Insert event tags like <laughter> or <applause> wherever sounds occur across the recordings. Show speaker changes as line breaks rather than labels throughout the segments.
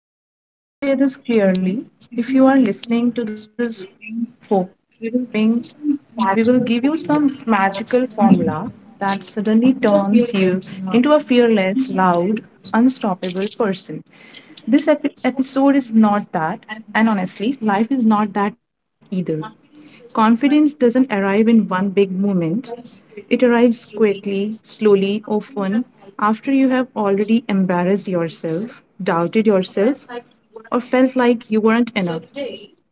about confidence, I want to say this clearly. If you are listening to this hoping we will give you some magical formula that suddenly turns you into a fearless, loud, unstoppable person. This episode is not that, and honestly, life is not that either. Confidence doesn't arrive in one big moment. It arrives quickly, slowly, often after you have already embarrassed yourself, doubted yourself, or felt like you weren't enough.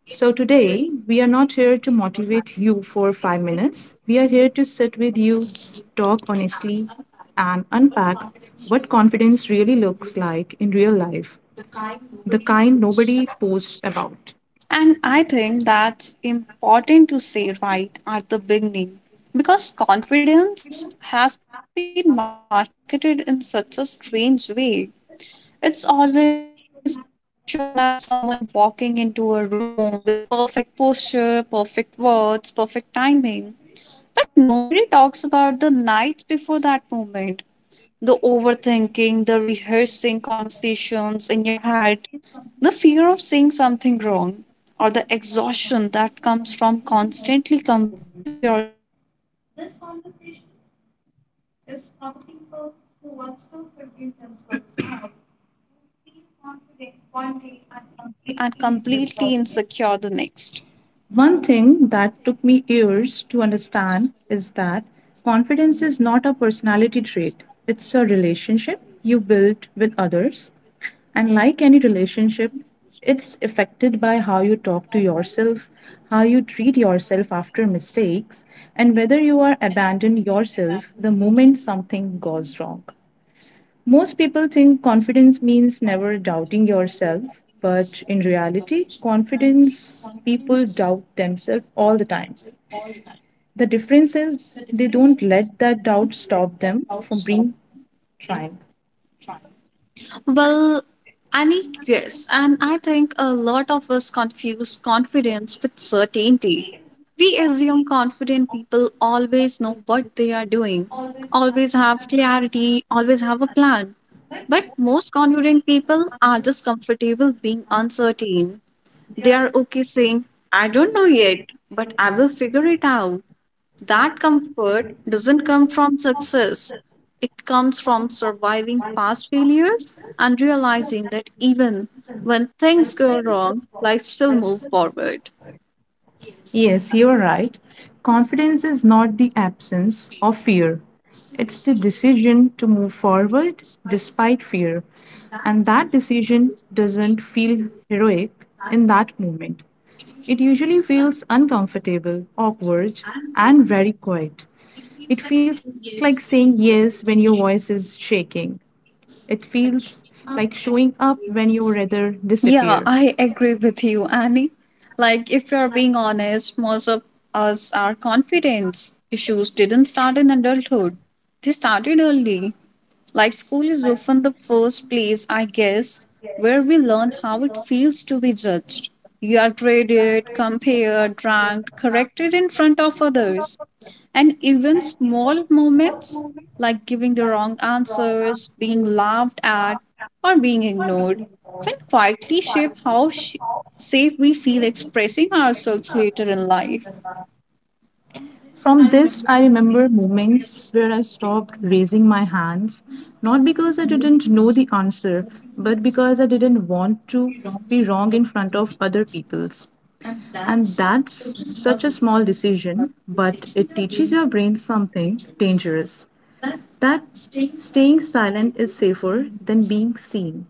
So, today we are not here to motivate you for 5 minutes. We are here to sit with you, talk honestly, and unpack what confidence really looks like in real life, the kind nobody posts about.
And I think that's important to say right at the beginning because confidence has been marketed in such a strange way. It's always shown as someone walking into a room with perfect posture, perfect words, perfect timing. But nobody talks about the night before that moment the overthinking, the rehearsing conversations in your head, the fear of saying something wrong, or the exhaustion that comes from constantly comparing yourself to others. This conversation is for the people who are still figuring themselves out, who feel confident one day and completely insecure the next.
One thing that took me years to understand is that confidence is not a personality trait, it's a relationship you build with others. And like any relationship, it's affected by how you talk to yourself, how you treat yourself after mistakes, and whether you are abandon yourself the moment something goes wrong. Most people think confidence means never doubting yourself, but in reality, confidence people doubt themselves all the time. The difference is they don't let that doubt stop them from being trying.
Well, Annie, yes, and I think a lot of us confuse confidence with certainty. We assume confident people always know what they are doing, always have clarity, always have a plan. But most confident people are just comfortable being uncertain. They are okay saying, I don't know yet, but I will figure it out. That comfort doesn't come from success, it comes from surviving past failures and realizing that even when things go wrong, life still moves forward.
Yes, you're right. Confidence is not the absence of fear, it's the decision to move forward despite fear. And that decision doesn't feel heroic in that moment. It usually feels uncomfortable, awkward, and very quiet. It feels like saying yes when your voice is shaking. It feels like showing up when you rather
Yeah,
disappear.
I agree with you, Annie. Like, if you're being honest, most of us are confidence issues didn't start in adulthood, they started early. Like, school is often the first place, I guess, where we learn how it feels to be judged. You are graded, compared, ranked, corrected in front of others. And even small moments like giving the wrong answers, being laughed at, or being ignored can quietly shape how safe we feel expressing ourselves later in life.
From this, I remember moments where I stopped raising my hands, not because I didn't know the answer, but because I didn't want to be wrong in front of other people's. And that's such a small decision, but it teaches your brain something dangerous that staying silent is safer than being seen.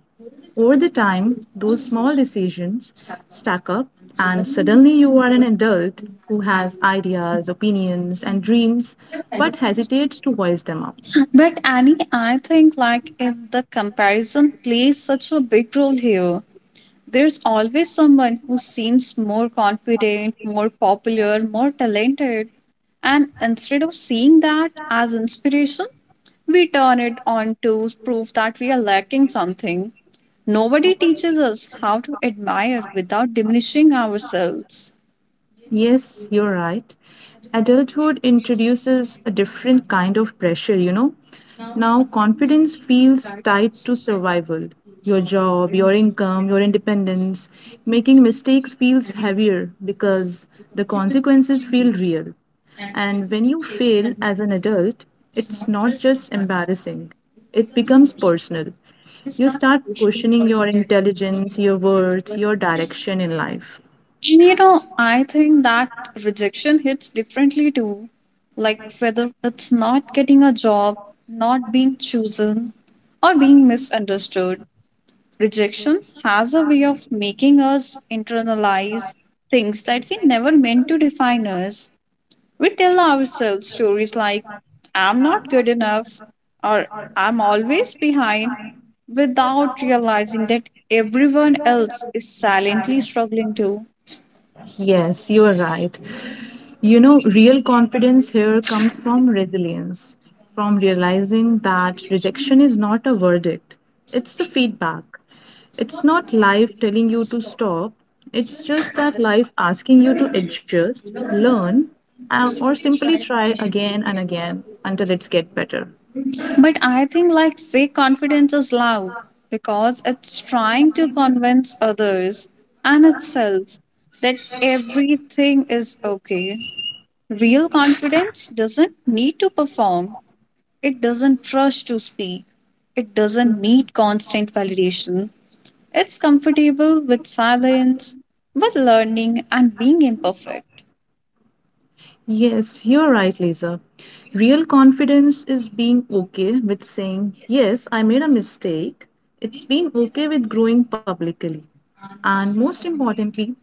Over the time, those small decisions stack up, and suddenly you are an adult who has ideas, opinions, and dreams but hesitates to voice them up.
But Annie, I think like in the comparison plays such a big role here there's always someone who seems more confident, more popular, more talented. And instead of seeing that as inspiration, we turn it on to prove that we are lacking something. Nobody teaches us how to admire without diminishing ourselves.
Yes, you're right. Adulthood introduces a different kind of pressure, you know. Now, confidence feels tied to survival your job, your income, your independence. Making mistakes feels heavier because the consequences feel real. And when you fail as an adult, it's not just embarrassing, it becomes personal. You start questioning your intelligence, your worth, your direction in life.
And you know, I think that rejection hits differently too. Like whether it's not getting a job, not being chosen, or being misunderstood. Rejection has a way of making us internalize things that we never meant to define us. We tell ourselves stories like, I'm not good enough, or I'm always behind, without realizing that everyone else is silently struggling too.
Yes, you are right. You know, real confidence here comes from resilience, from realizing that rejection is not a verdict, it's a feedback. It's not life telling you to stop, it's just that life asking you to adjust, learn, or simply try again and again until it's get better.
But I think like fake confidence is loud because it's trying to convince others and itself that everything is okay. Real confidence doesn't need to perform, it doesn't rush to speak, it doesn't need constant validation. It's comfortable with silence, with learning, and being imperfect.
Yes, you're right, Lisa. Real confidence is being okay with saying, yes, I made a mistake. It's being okay with growing publicly. And most importantly,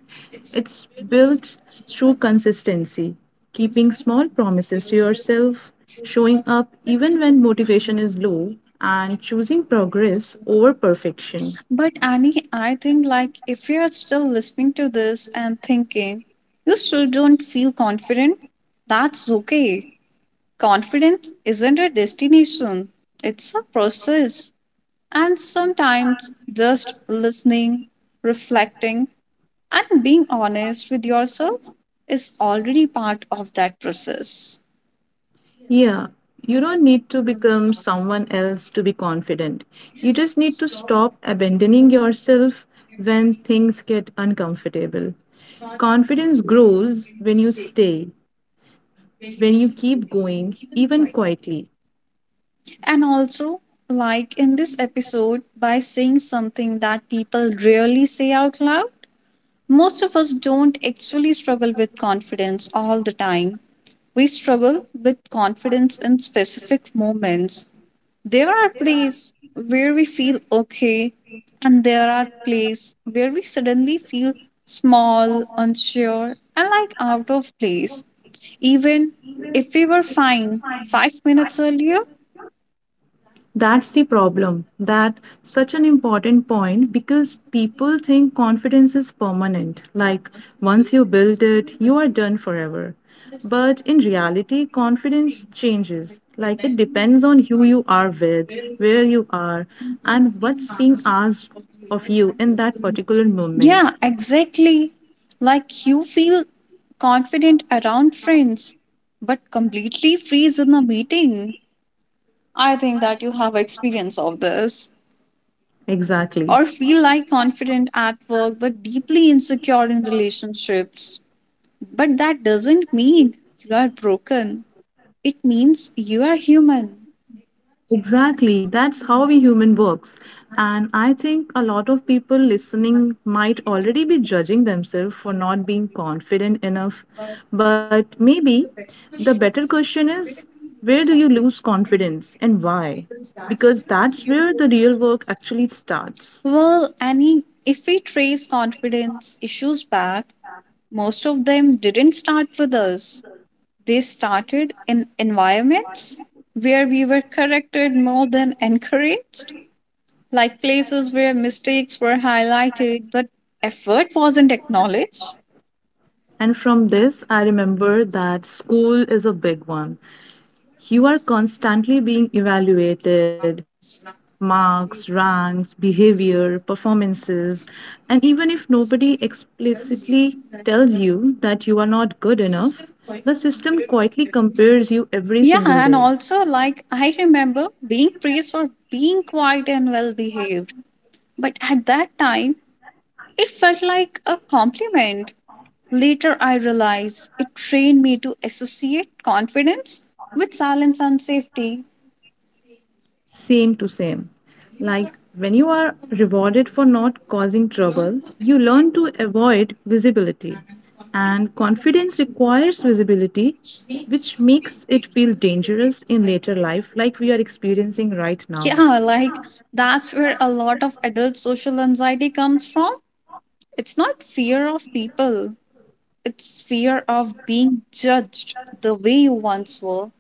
it's built through consistency, keeping small promises to yourself, showing up even when motivation is low, and choosing progress over perfection.
But Annie, I think like if you are still listening to this and thinking you still don't feel confident, that's okay. Confidence isn't a destination, it's a process. And sometimes just listening, reflecting, and being honest with yourself is already part of that process.
Yeah, you don't need to become someone else to be confident. You just need to stop abandoning yourself when things get uncomfortable. Confidence grows when you stay, when you keep going, even quietly.
And also, like in this episode, by saying something that people rarely say out loud, most of us don't actually struggle with confidence all the time. We struggle with confidence in specific moments. There are places where we feel okay, and there are places where we suddenly feel small, unsure, and like out of place. Even if we were fine 5 minutes earlier,
That's the problem. That such an important point because people think confidence is permanent. Like once you build it, you are done forever. But in reality, confidence changes. Like it depends on who you are with, where you are, and what's being asked of you in that particular
yeah,
moment.
exactly. Like you feel confident around friends, but completely freeze in a meeting. I think that you have experience of this. Or
Exactly.
feel like confident at work, but deeply insecure in relationships. But that doesn't mean you are broken. It means you are human.
Exactly. That's how we human works. And I think a lot of people listening might already be judging themselves for not being confident enough. But maybe the better question is where do you lose confidence and why? Because that's where the real work actually starts.
Well, Annie, if we trace confidence issues back, most of them didn't start with us. They started in environments where we were corrected more than encouraged, like places where mistakes were highlighted but effort wasn't acknowledged.
And from this, I remember that school is a big one. You are constantly being evaluated marks, ranks, behavior, performances, and even if nobody explicitly tells you that you are not good enough, the system quietly compares you every
Yeah,
single
and
day.
also, like, I remember being praised for being quiet and well behaved. But at that time, it felt like a compliment. Later, I realized it trained me to associate confidence with silence and safety.
Same to same. Like when you are rewarded for not causing trouble, you learn to avoid visibility. And confidence requires visibility, which makes it feel dangerous in later life, like we are experiencing right now.
Yeah, like that's where a lot of adult social anxiety comes from. It's not fear of people, it's fear of being judged the way you once were.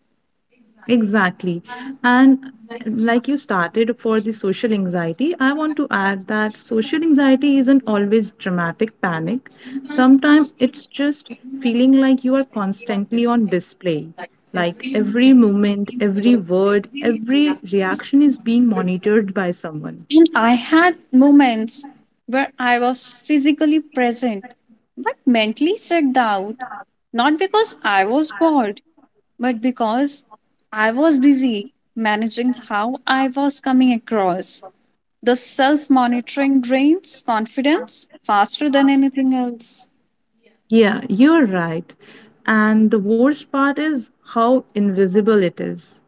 Exactly. And like you started for the social anxiety, I want to add that social anxiety isn't always dramatic panic. Sometimes it's just feeling like you are constantly on display. Like every moment, every word, every reaction is being monitored by someone.
And I had moments where I was physically present but mentally checked out, not because I was bored, but because I was busy managing how I was coming across. The self monitoring drains confidence faster than anything else.
Yeah, you're right. And the worst part is how invisible it is.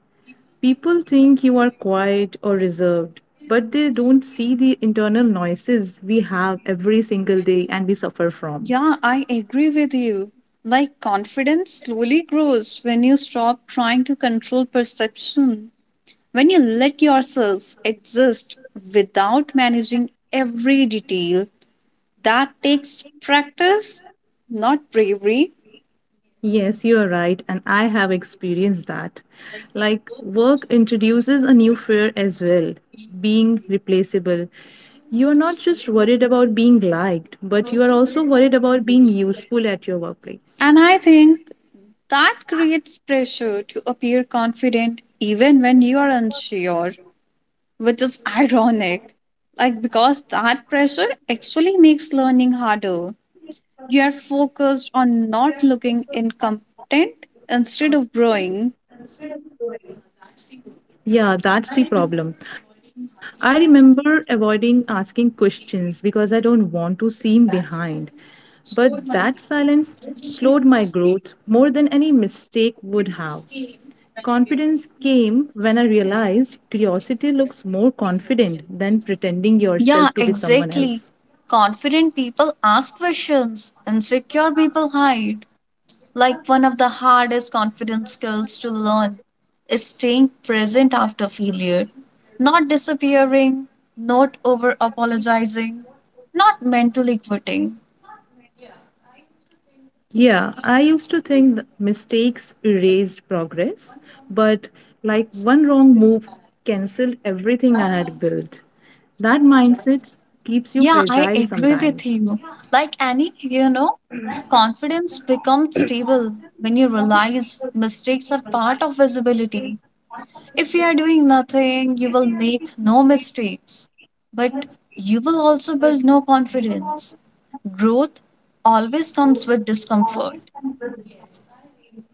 People think you are quiet or reserved, but they don't see the internal noises we have every single day and we suffer from.
Yeah, I agree with you. Like confidence slowly grows when you stop trying to control perception. When you let yourself exist without managing every detail, that takes practice, not bravery.
Yes, you are right, and I have experienced that. Like, work introduces a new fear as well being replaceable. You are not just worried about being liked, but you are also worried about being useful at your workplace.
And I think that creates pressure to appear confident even when you are unsure, which is <laughs> ironic. Like, because that pressure actually makes learning harder. You are focused on not looking incompetent instead of growing.
Yeah, that's the problem. I remember avoiding asking questions because I don't want to seem behind. But that silence slowed my growth more than any mistake would have. Confidence came when I realized curiosity looks more confident than pretending
Yeah,
yourself to be someone
exactly.
else.
Confident people ask questions, insecure people hide. Like one of the hardest confidence skills to learn is staying present after failure, not disappearing, not over apologizing, not mentally quitting.
Yeah, I used to think mistakes erased progress, but like one wrong move canceled everything I had built. That mindset keeps you
Yeah, I
fragile
agree with
sometimes.
you. Like any, <clears throat> confidence becomes stable when you realize mistakes are part of visibility. If you are doing nothing, you will make no mistakes, but you will also build no confidence. Growth always comes with discomfort.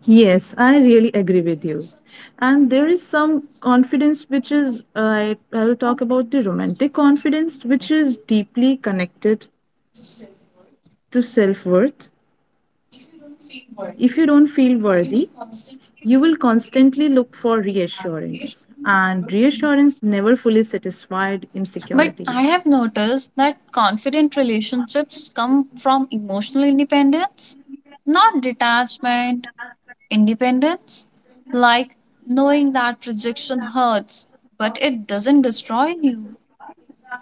Yes, I really agree with you. And there is some confidence which is, I will talk about the romantic confidence, which is deeply connected to self worth. If you don't feel worthy, you will constantly look for reassurance, and reassurance never fully satisfied
But I
insecurities.
have noticed that confident relationships come from emotional independence, not detachment, independence. Like knowing that rejection hurts, but it doesn't destroy you.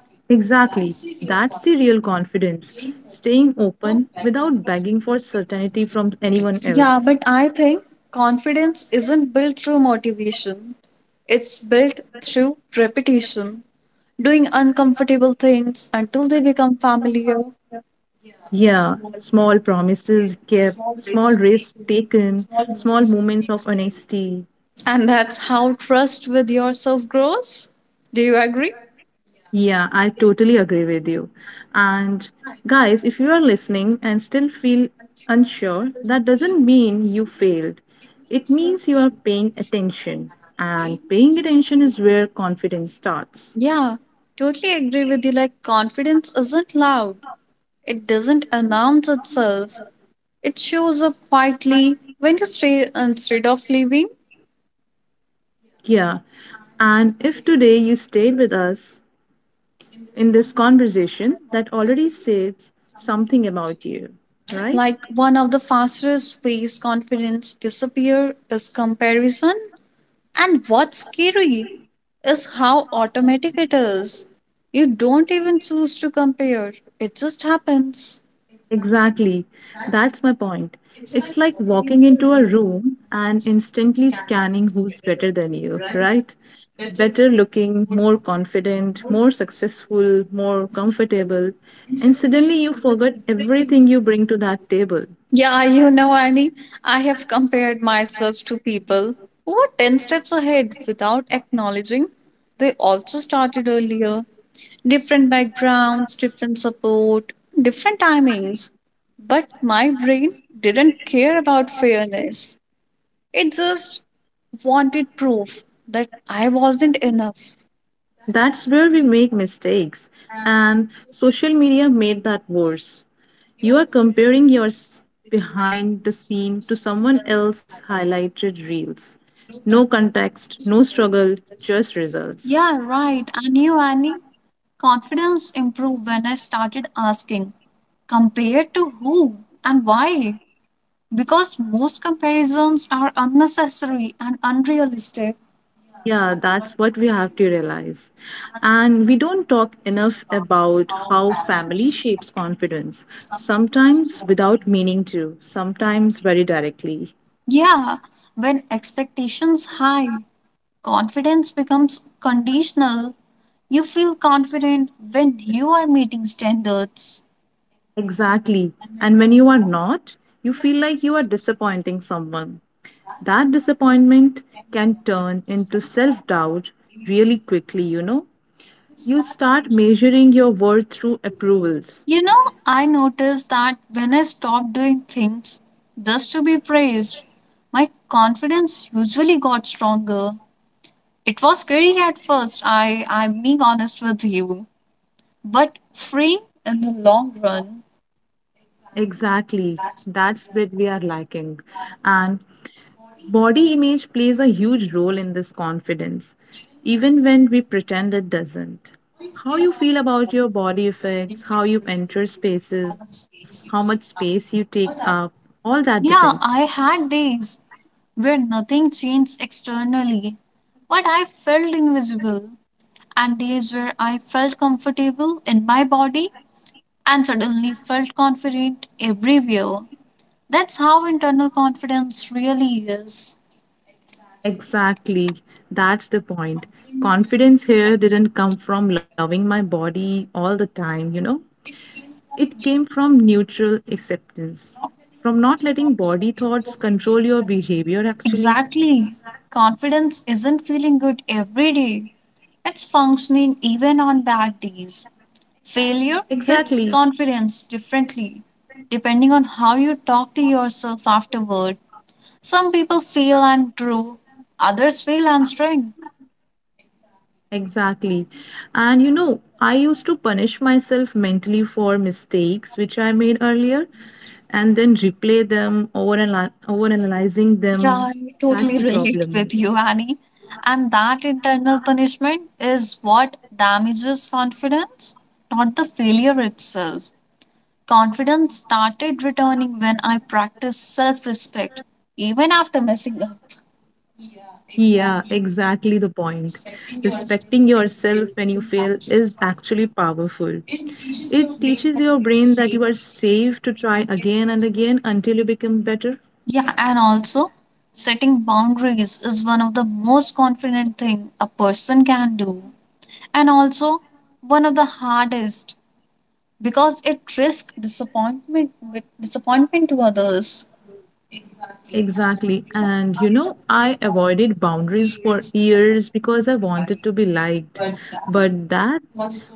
Exactly, that's the real confidence staying open without begging for certainty from anyone
Yeah,
else.
but I think confidence isn't built through motivation, it's built through repetition, doing uncomfortable things until they become familiar.
Yeah, small promises kept, small risks taken, small moments of honesty.
And that's how trust with yourself grows. Do you agree?
Yeah, I totally agree with you. And guys, if you are listening and still feel unsure, that doesn't mean you failed. It means you are paying attention. And paying attention is where confidence starts.
Yeah, totally agree with you. Like, confidence isn't loud, it doesn't announce itself, it shows up quietly when you stay instead of leaving.
Yeah. And if today you stayed with us in this conversation, that already says something about you, right?
Like one of the fastest ways confidence disappear is comparison. And what's scary is how automatic it is. You don't even choose to compare. It just happens.
Exactly. That's my point. It's like walking into a room and instantly scanning who's better than you, right? Better looking, more confident, more successful, more comfortable. And suddenly you forgot everything you bring to that table.
Yeah, you know, Annie, I have compared myself to people who were 10 steps ahead without acknowledging they also started earlier. Different backgrounds, different support, different timings. But my brain didn't care about fairness. It just wanted proof that I wasn't enough.
That's where we make mistakes, and social media made that worse. You are comparing your s- Behind the scene to someone else's highlighted reels. No context, no struggle, just results.
Yeah, right. And you, Annie? Confidence improved when I started asking, compared to who and why? Because most comparisons are unnecessary and unrealistic.
Yeah, that's what we have to realize. And we don't talk enough about how family shapes confidence, sometimes without meaning to, sometimes very directly.
Yeah, when expectations high, confidence becomes conditional. You feel confident when you are meeting standards.
Exactly. And when you are not, you feel like you are disappointing someone. That disappointment can turn into self doubt really quickly, you know. You start measuring your worth through approvals.
You know, I noticed that when I stopped doing things just to be praised, my confidence usually got stronger. It was scary at first, I'm being honest with you, but freeing in the long run.
Exactly. That's what we are lacking. And body image plays a huge role in this confidence, even when we pretend it doesn't. How you feel about your body affects how you enter spaces, how much space you take up, all that depends.
Yeah, I had days where nothing changed externally, but I felt invisible, and days where I felt comfortable in my body and suddenly felt confident everywhere. That's how internal confidence really is.
Exactly. That's the point. Confidence here didn't come from loving my body all the time, you know? It came from neutral acceptance, from not letting body thoughts control your behavior, actually.
Exactly. Confidence isn't feeling good every day, it's functioning even on bad days. Failure hits
Exactly,
confidence differently, depending on how you talk to yourself afterward. Some people fail and grow, others fail and shrink.
exactly. And you know, I used to punish myself mentally for mistakes which I made earlier and then replay them, overanalyzing
Yeah,
them.
I
That's
totally <laughs>
the
relate
problem.
with you, Annie. And that internal punishment is what damages confidence, not the failure itself. Confidence started returning when I practiced self respect, even after messing up.
Yeah, exactly the point. Respecting yourself when you fail is actually powerful. It teaches your brain that you are safe to try again and again until you become better.
Yeah, and also setting boundaries is one of the most confident thing a person can do and also one of the hardest because it risks disappointment with disappointment to others.
Exactly. And you know, I avoided boundaries for years because I wanted to be liked. But that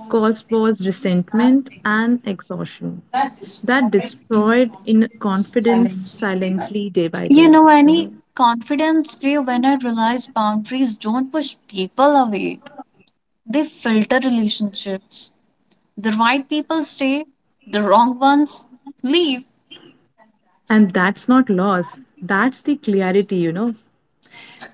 cost was resentment and exhaustion that destroyed in confidence silently day by
You
day,
know,
you
Annie.
know.
Confidence grew when I realized boundaries don't push people away, they filter relationships. The right people stay, the wrong ones leave.
And that's not loss, that's the clarity, you know.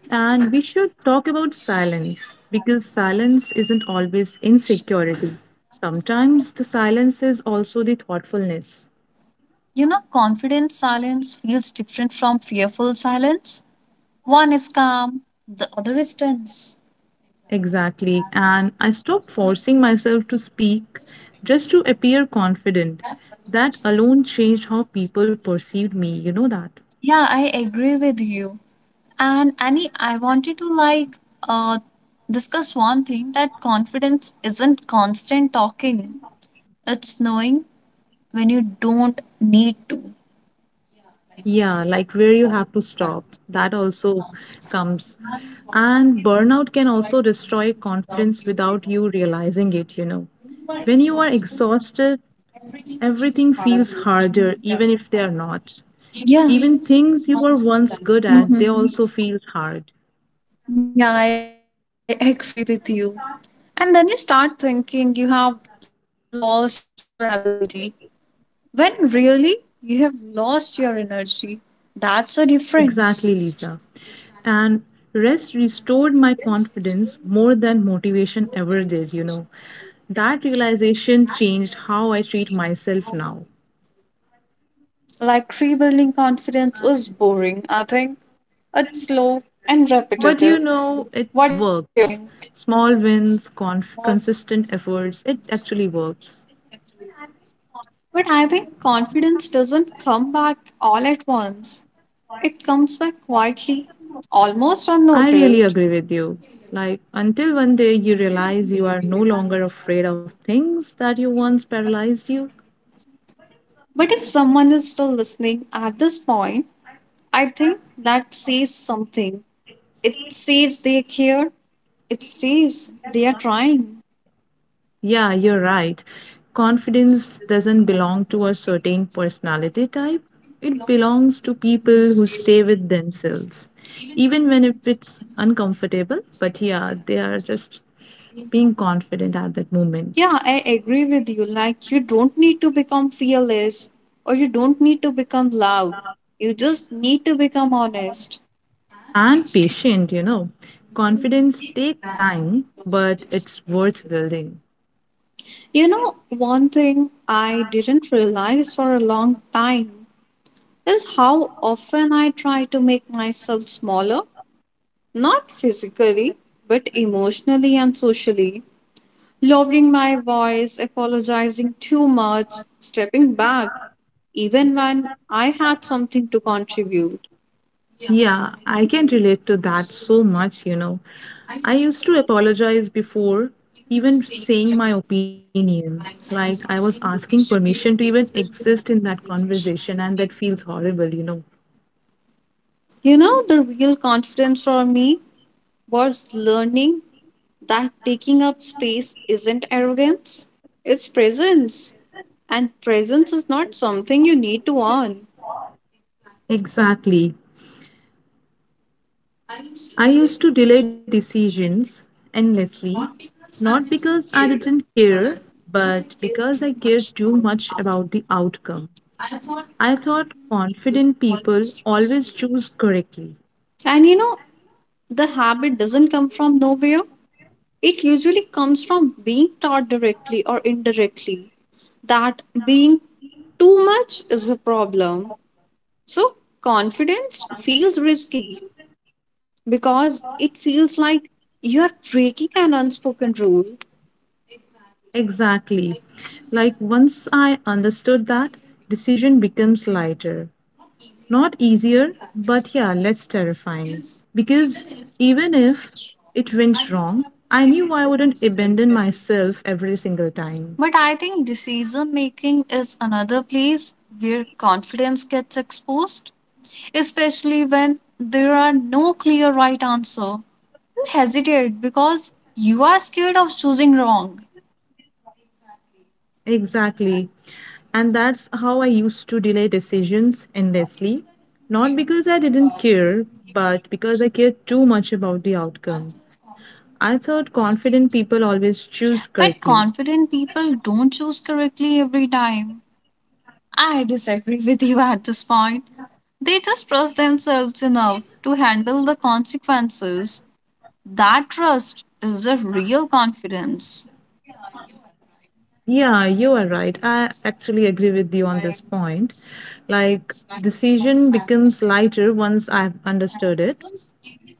And we should talk about silence because silence isn't always insecurity. Sometimes the silence is also the thoughtfulness.
You know, confident silence feels different from fearful silence. One is calm, the other is tense.
Exactly. And I stopped forcing myself to speak just to appear confident. That alone changed how people perceived me, you know that.
Yeah, I agree with you. And Annie, I wanted to like uh discuss one thing that confidence isn't constant talking. It's knowing when you don't need to.
Yeah, like where you have to stop. That also comes. And burnout can also destroy confidence without you realizing it, you know. When you are exhausted, everything feels harder, even if they are not.
Yeah.
Even things you were once good at, they also
Mhm.
feel hard.
Yeah, I agree with you. And then you start thinking you have lost your ability when really you have lost your energy. That's a difference.
Exactly, Lisa. And rest restored my confidence more than motivation ever did, you know. That realization changed how I treat myself now.
Like rebuilding confidence is boring, I think. It's slow and
But you
repetitive.
know, it
What do you
works.
think?
Small wins, consistent efforts, it actually works.
But I think confidence doesn't come back all at once. It comes back quietly, almost
I really
unnoticed.
agree with you. Like, until one day you realize you are no longer afraid of things that you once paralyzed you.
But if someone is still listening at this point, I think that says something. It says they care, it says they are trying.
Yeah, you're right. Confidence doesn't belong to a certain personality type, it belongs to people who stay with themselves, even when if it's uncomfortable. But yeah, they are just being confident at that moment.
Yeah, I agree with you. Like, you don't need to become fearless or you don't need to become loud. You just need to become honest.
And patient, you know. Confidence takes time, but it's worth building.
You know, one thing I didn't realize for a long time is how often I try to make myself smaller, not physically, but emotionally and socially, lowering my voice, apologizing too much, stepping back, even when I had something to contribute.
Yeah, I can relate to that so much, you know. I used to apologize before even saying my opinion. Like I was asking permission to even exist in that conversation, and that feels horrible, you know.
You know, the real confidence for me was learning that taking up space isn't arrogance, it's presence. And presence is not something you need to earn.
Exactly. I used to delay decisions endlessly, not because I didn't care, but because I cared too much about the outcome. I thought confident people always choose correctly.
And you know, the habit doesn't come from nowhere. It usually comes from being taught directly or indirectly that being too much is a problem. So, confidence feels risky because it feels like you're breaking an unspoken rule.
Exactly. Like once I understood that, decision becomes lighter. Not easier, but yeah, less terrifying. Because even if it went wrong, I knew I wouldn't abandon myself every single time.
But I think decision making is another place where confidence gets exposed, especially when there are no clear right answer. You hesitate because you are scared of choosing wrong.
Exactly. And that's how I used to delay decisions endlessly. Not because I didn't care, but because I cared too much about the outcome. I thought confident people always choose
But
correctly.
confident people don't choose correctly every time. I disagree <laughs> with you at this point. They just trust themselves enough to handle the consequences. That trust is a real confidence.
Yeah, you are right. I actually agree with you on this point. Like, decision becomes lighter once I've understood it.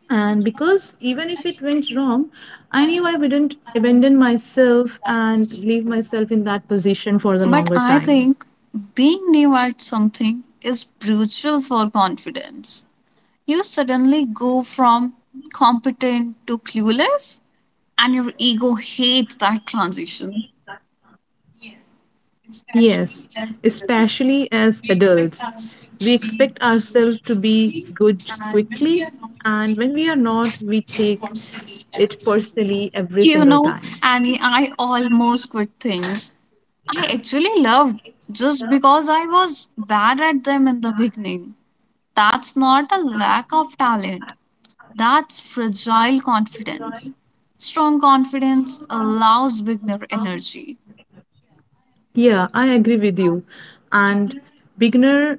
And because even if it went wrong, I knew I wouldn't abandon myself and leave myself in that position for the
But
longer
I
time.
think being new at something is brutal for confidence. You suddenly go from competent to clueless, and your ego hates that transition.
Yes, especially as adults, we expect ourselves to be good quickly, and when we are not, we take it personally every
You
single
know,
time.
Annie, I almost quit things. I actually loved just because I was bad at them in the beginning. That's not a lack of talent. That's fragile confidence. Strong confidence allows beginner energy.
Yeah, I agree with you. And beginner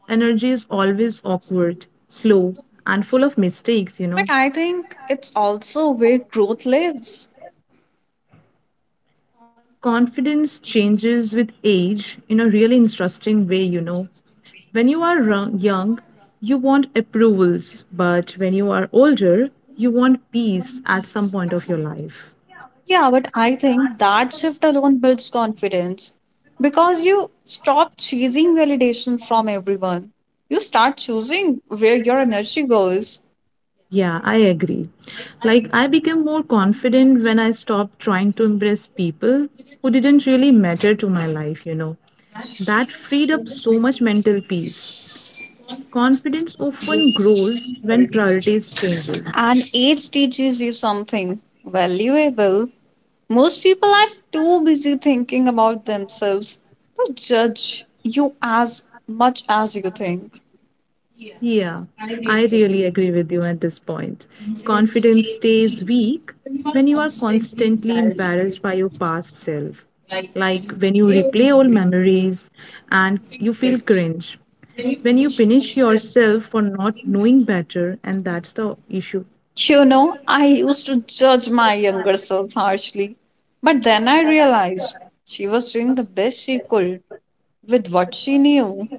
energy is always awkward, slow, and full of mistakes, you know.
But I think it's also where growth lives.
Confidence changes with age in a really interesting way, you know. When you are young, you want approvals, but when you are older, you want peace at some point of your
Yeah,
life.
but I think that shift alone builds confidence because you stop chasing validation from everyone. You start choosing where your energy goes,
Yeah, I agree. Like, I became more confident when I stopped trying to impress people who didn't really matter to my life, you know. That freed up so much mental peace. Confidence often grows when priorities changes.
and age teaches you something valuable. Most people are too busy thinking about themselves to judge you as much as you think.
Yeah, I really agree with you at this point. Confidence stays weak when you are constantly embarrassed by your past self. Like when you replay old memories and you feel cringe. When you punish yourself for not knowing better, and that's the issue.
You know, I used to judge my younger self harshly, but then I realized she was doing the best she could with what she knew.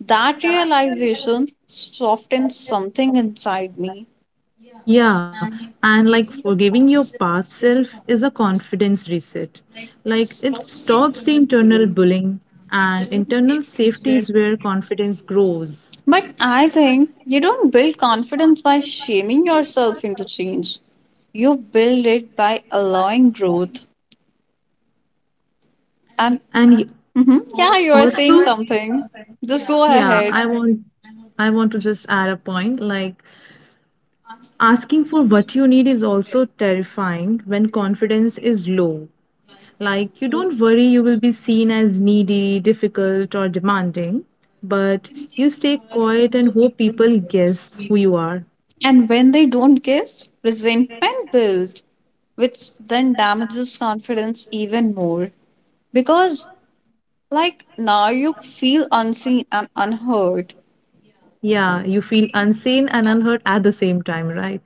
That realization softened something inside me.
Yeah, and like forgiving your past self is a confidence reset. Like it stops the internal bullying, and internal safety is where confidence grows.
But I think you don't build confidence by shaming yourself into change. You build it by allowing growth. And
And y-
Mhm. Yeah, you are
Also,
saying something. Just go
yeah,
ahead.
I want to just add a point like asking for what you need is also terrifying when confidence is low. Like, you don't worry you will be seen as needy, difficult, or demanding, but you stay quiet and hope people guess who you are.
And when they don't guess, resentment builds, which then damages confidence even more. Because, like, now you feel unseen and unheard.
Yeah, you feel unseen and unheard at the same time, right?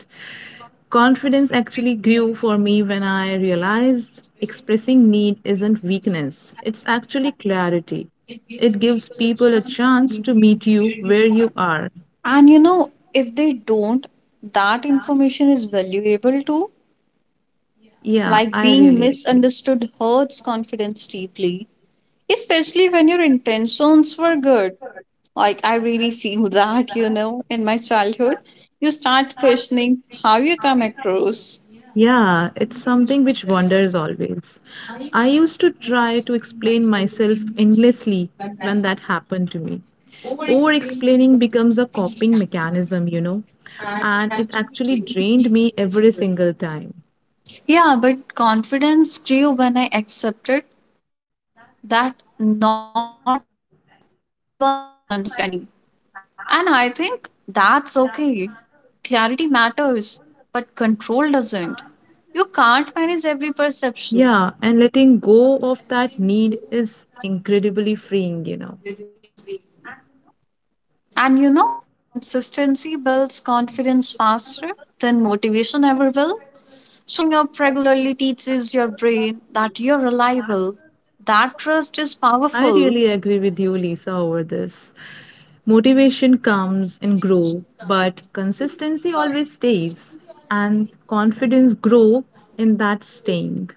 Confidence actually grew for me when I realized expressing need isn't weakness, it's actually clarity. It gives people a chance to meet you where you are.
And you know, if they don't, that information is valuable too.
Yeah,
Like,
I
being
really agree.
misunderstood hurts confidence deeply, especially when your intentions were good. Like, I really feel that, you know, in my childhood, you start questioning how you come across.
Yeah, it's something which wanders always. I used to try to explain myself endlessly when that happened to me. Over explaining becomes a coping mechanism, you know, and it actually drained me every single time.
Yeah, but confidence grew when I accepted that not everyone will understand me. And I think that's okay. Clarity matters, but control doesn't. You can't manage every perception.
Yeah, and letting go of that need is incredibly freeing, you know.
And you know, consistency builds confidence faster than motivation ever will. Showing up regularly teaches your brain that you're reliable. That trust is
I really
powerful.
agree with you, Lisa, over this. Motivation comes and grow, but consistency always stays, and confidence grow in that staying.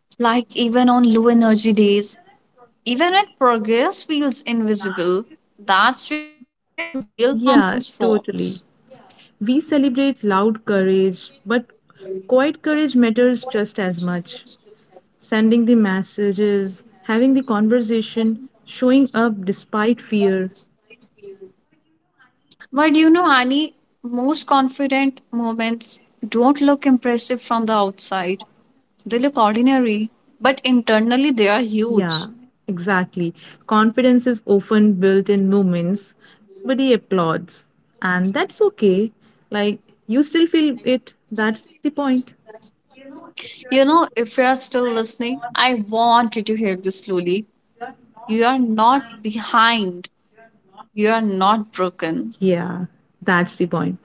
Like even on low energy days, even when progress feels invisible, that's where real confidence
Yeah,
forms.
totally. We celebrate loud courage, but quiet courage matters just as much. Sending the messages, having the conversation, showing up despite fear.
But you know, Annie, most confident moments don't look impressive from the outside. They look ordinary, but internally they are
Yeah,
huge.
exactly. Confidence is often built in moments nobody applauds, and that's okay. Like, you still feel it. That's the point.
You know, if you are still listening, I want you to hear this slowly. You are not behind, you are not broken.
Yeah, that's the point.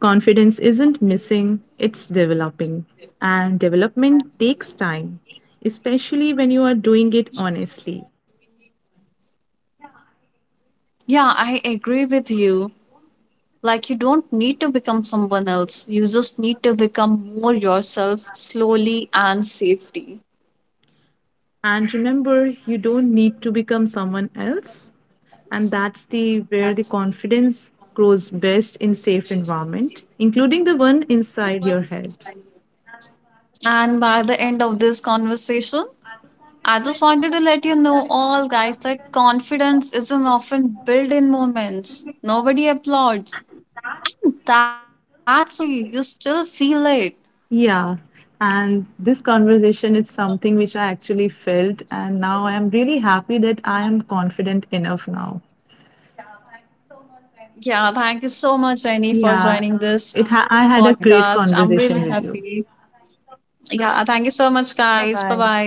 Confidence isn't missing, it's developing. And development takes time, especially when you are doing it honestly.
Yeah, I agree with you. Like, you don't need to become someone else, you just need to become more yourself slowly and safely.
And remember, you don't need to become someone else, and that's the where the confidence grows best in safe environment, including the one inside your head.
And by the end of this conversation, I just wanted to let you know, all guys, that confidence isn't often built in moments. Nobody applauds. And that's okay. You still feel it.
Yeah, and this conversation is something which I actually felt, and now I am really happy that I am confident enough now.
Yeah, thank you so much, Jenny, for joining this
Yeah, I
podcast.
had a
I'm really
great
happy.
conversation with you.
Yeah, thank you so much, guys. Bye
Bye bye.
bye.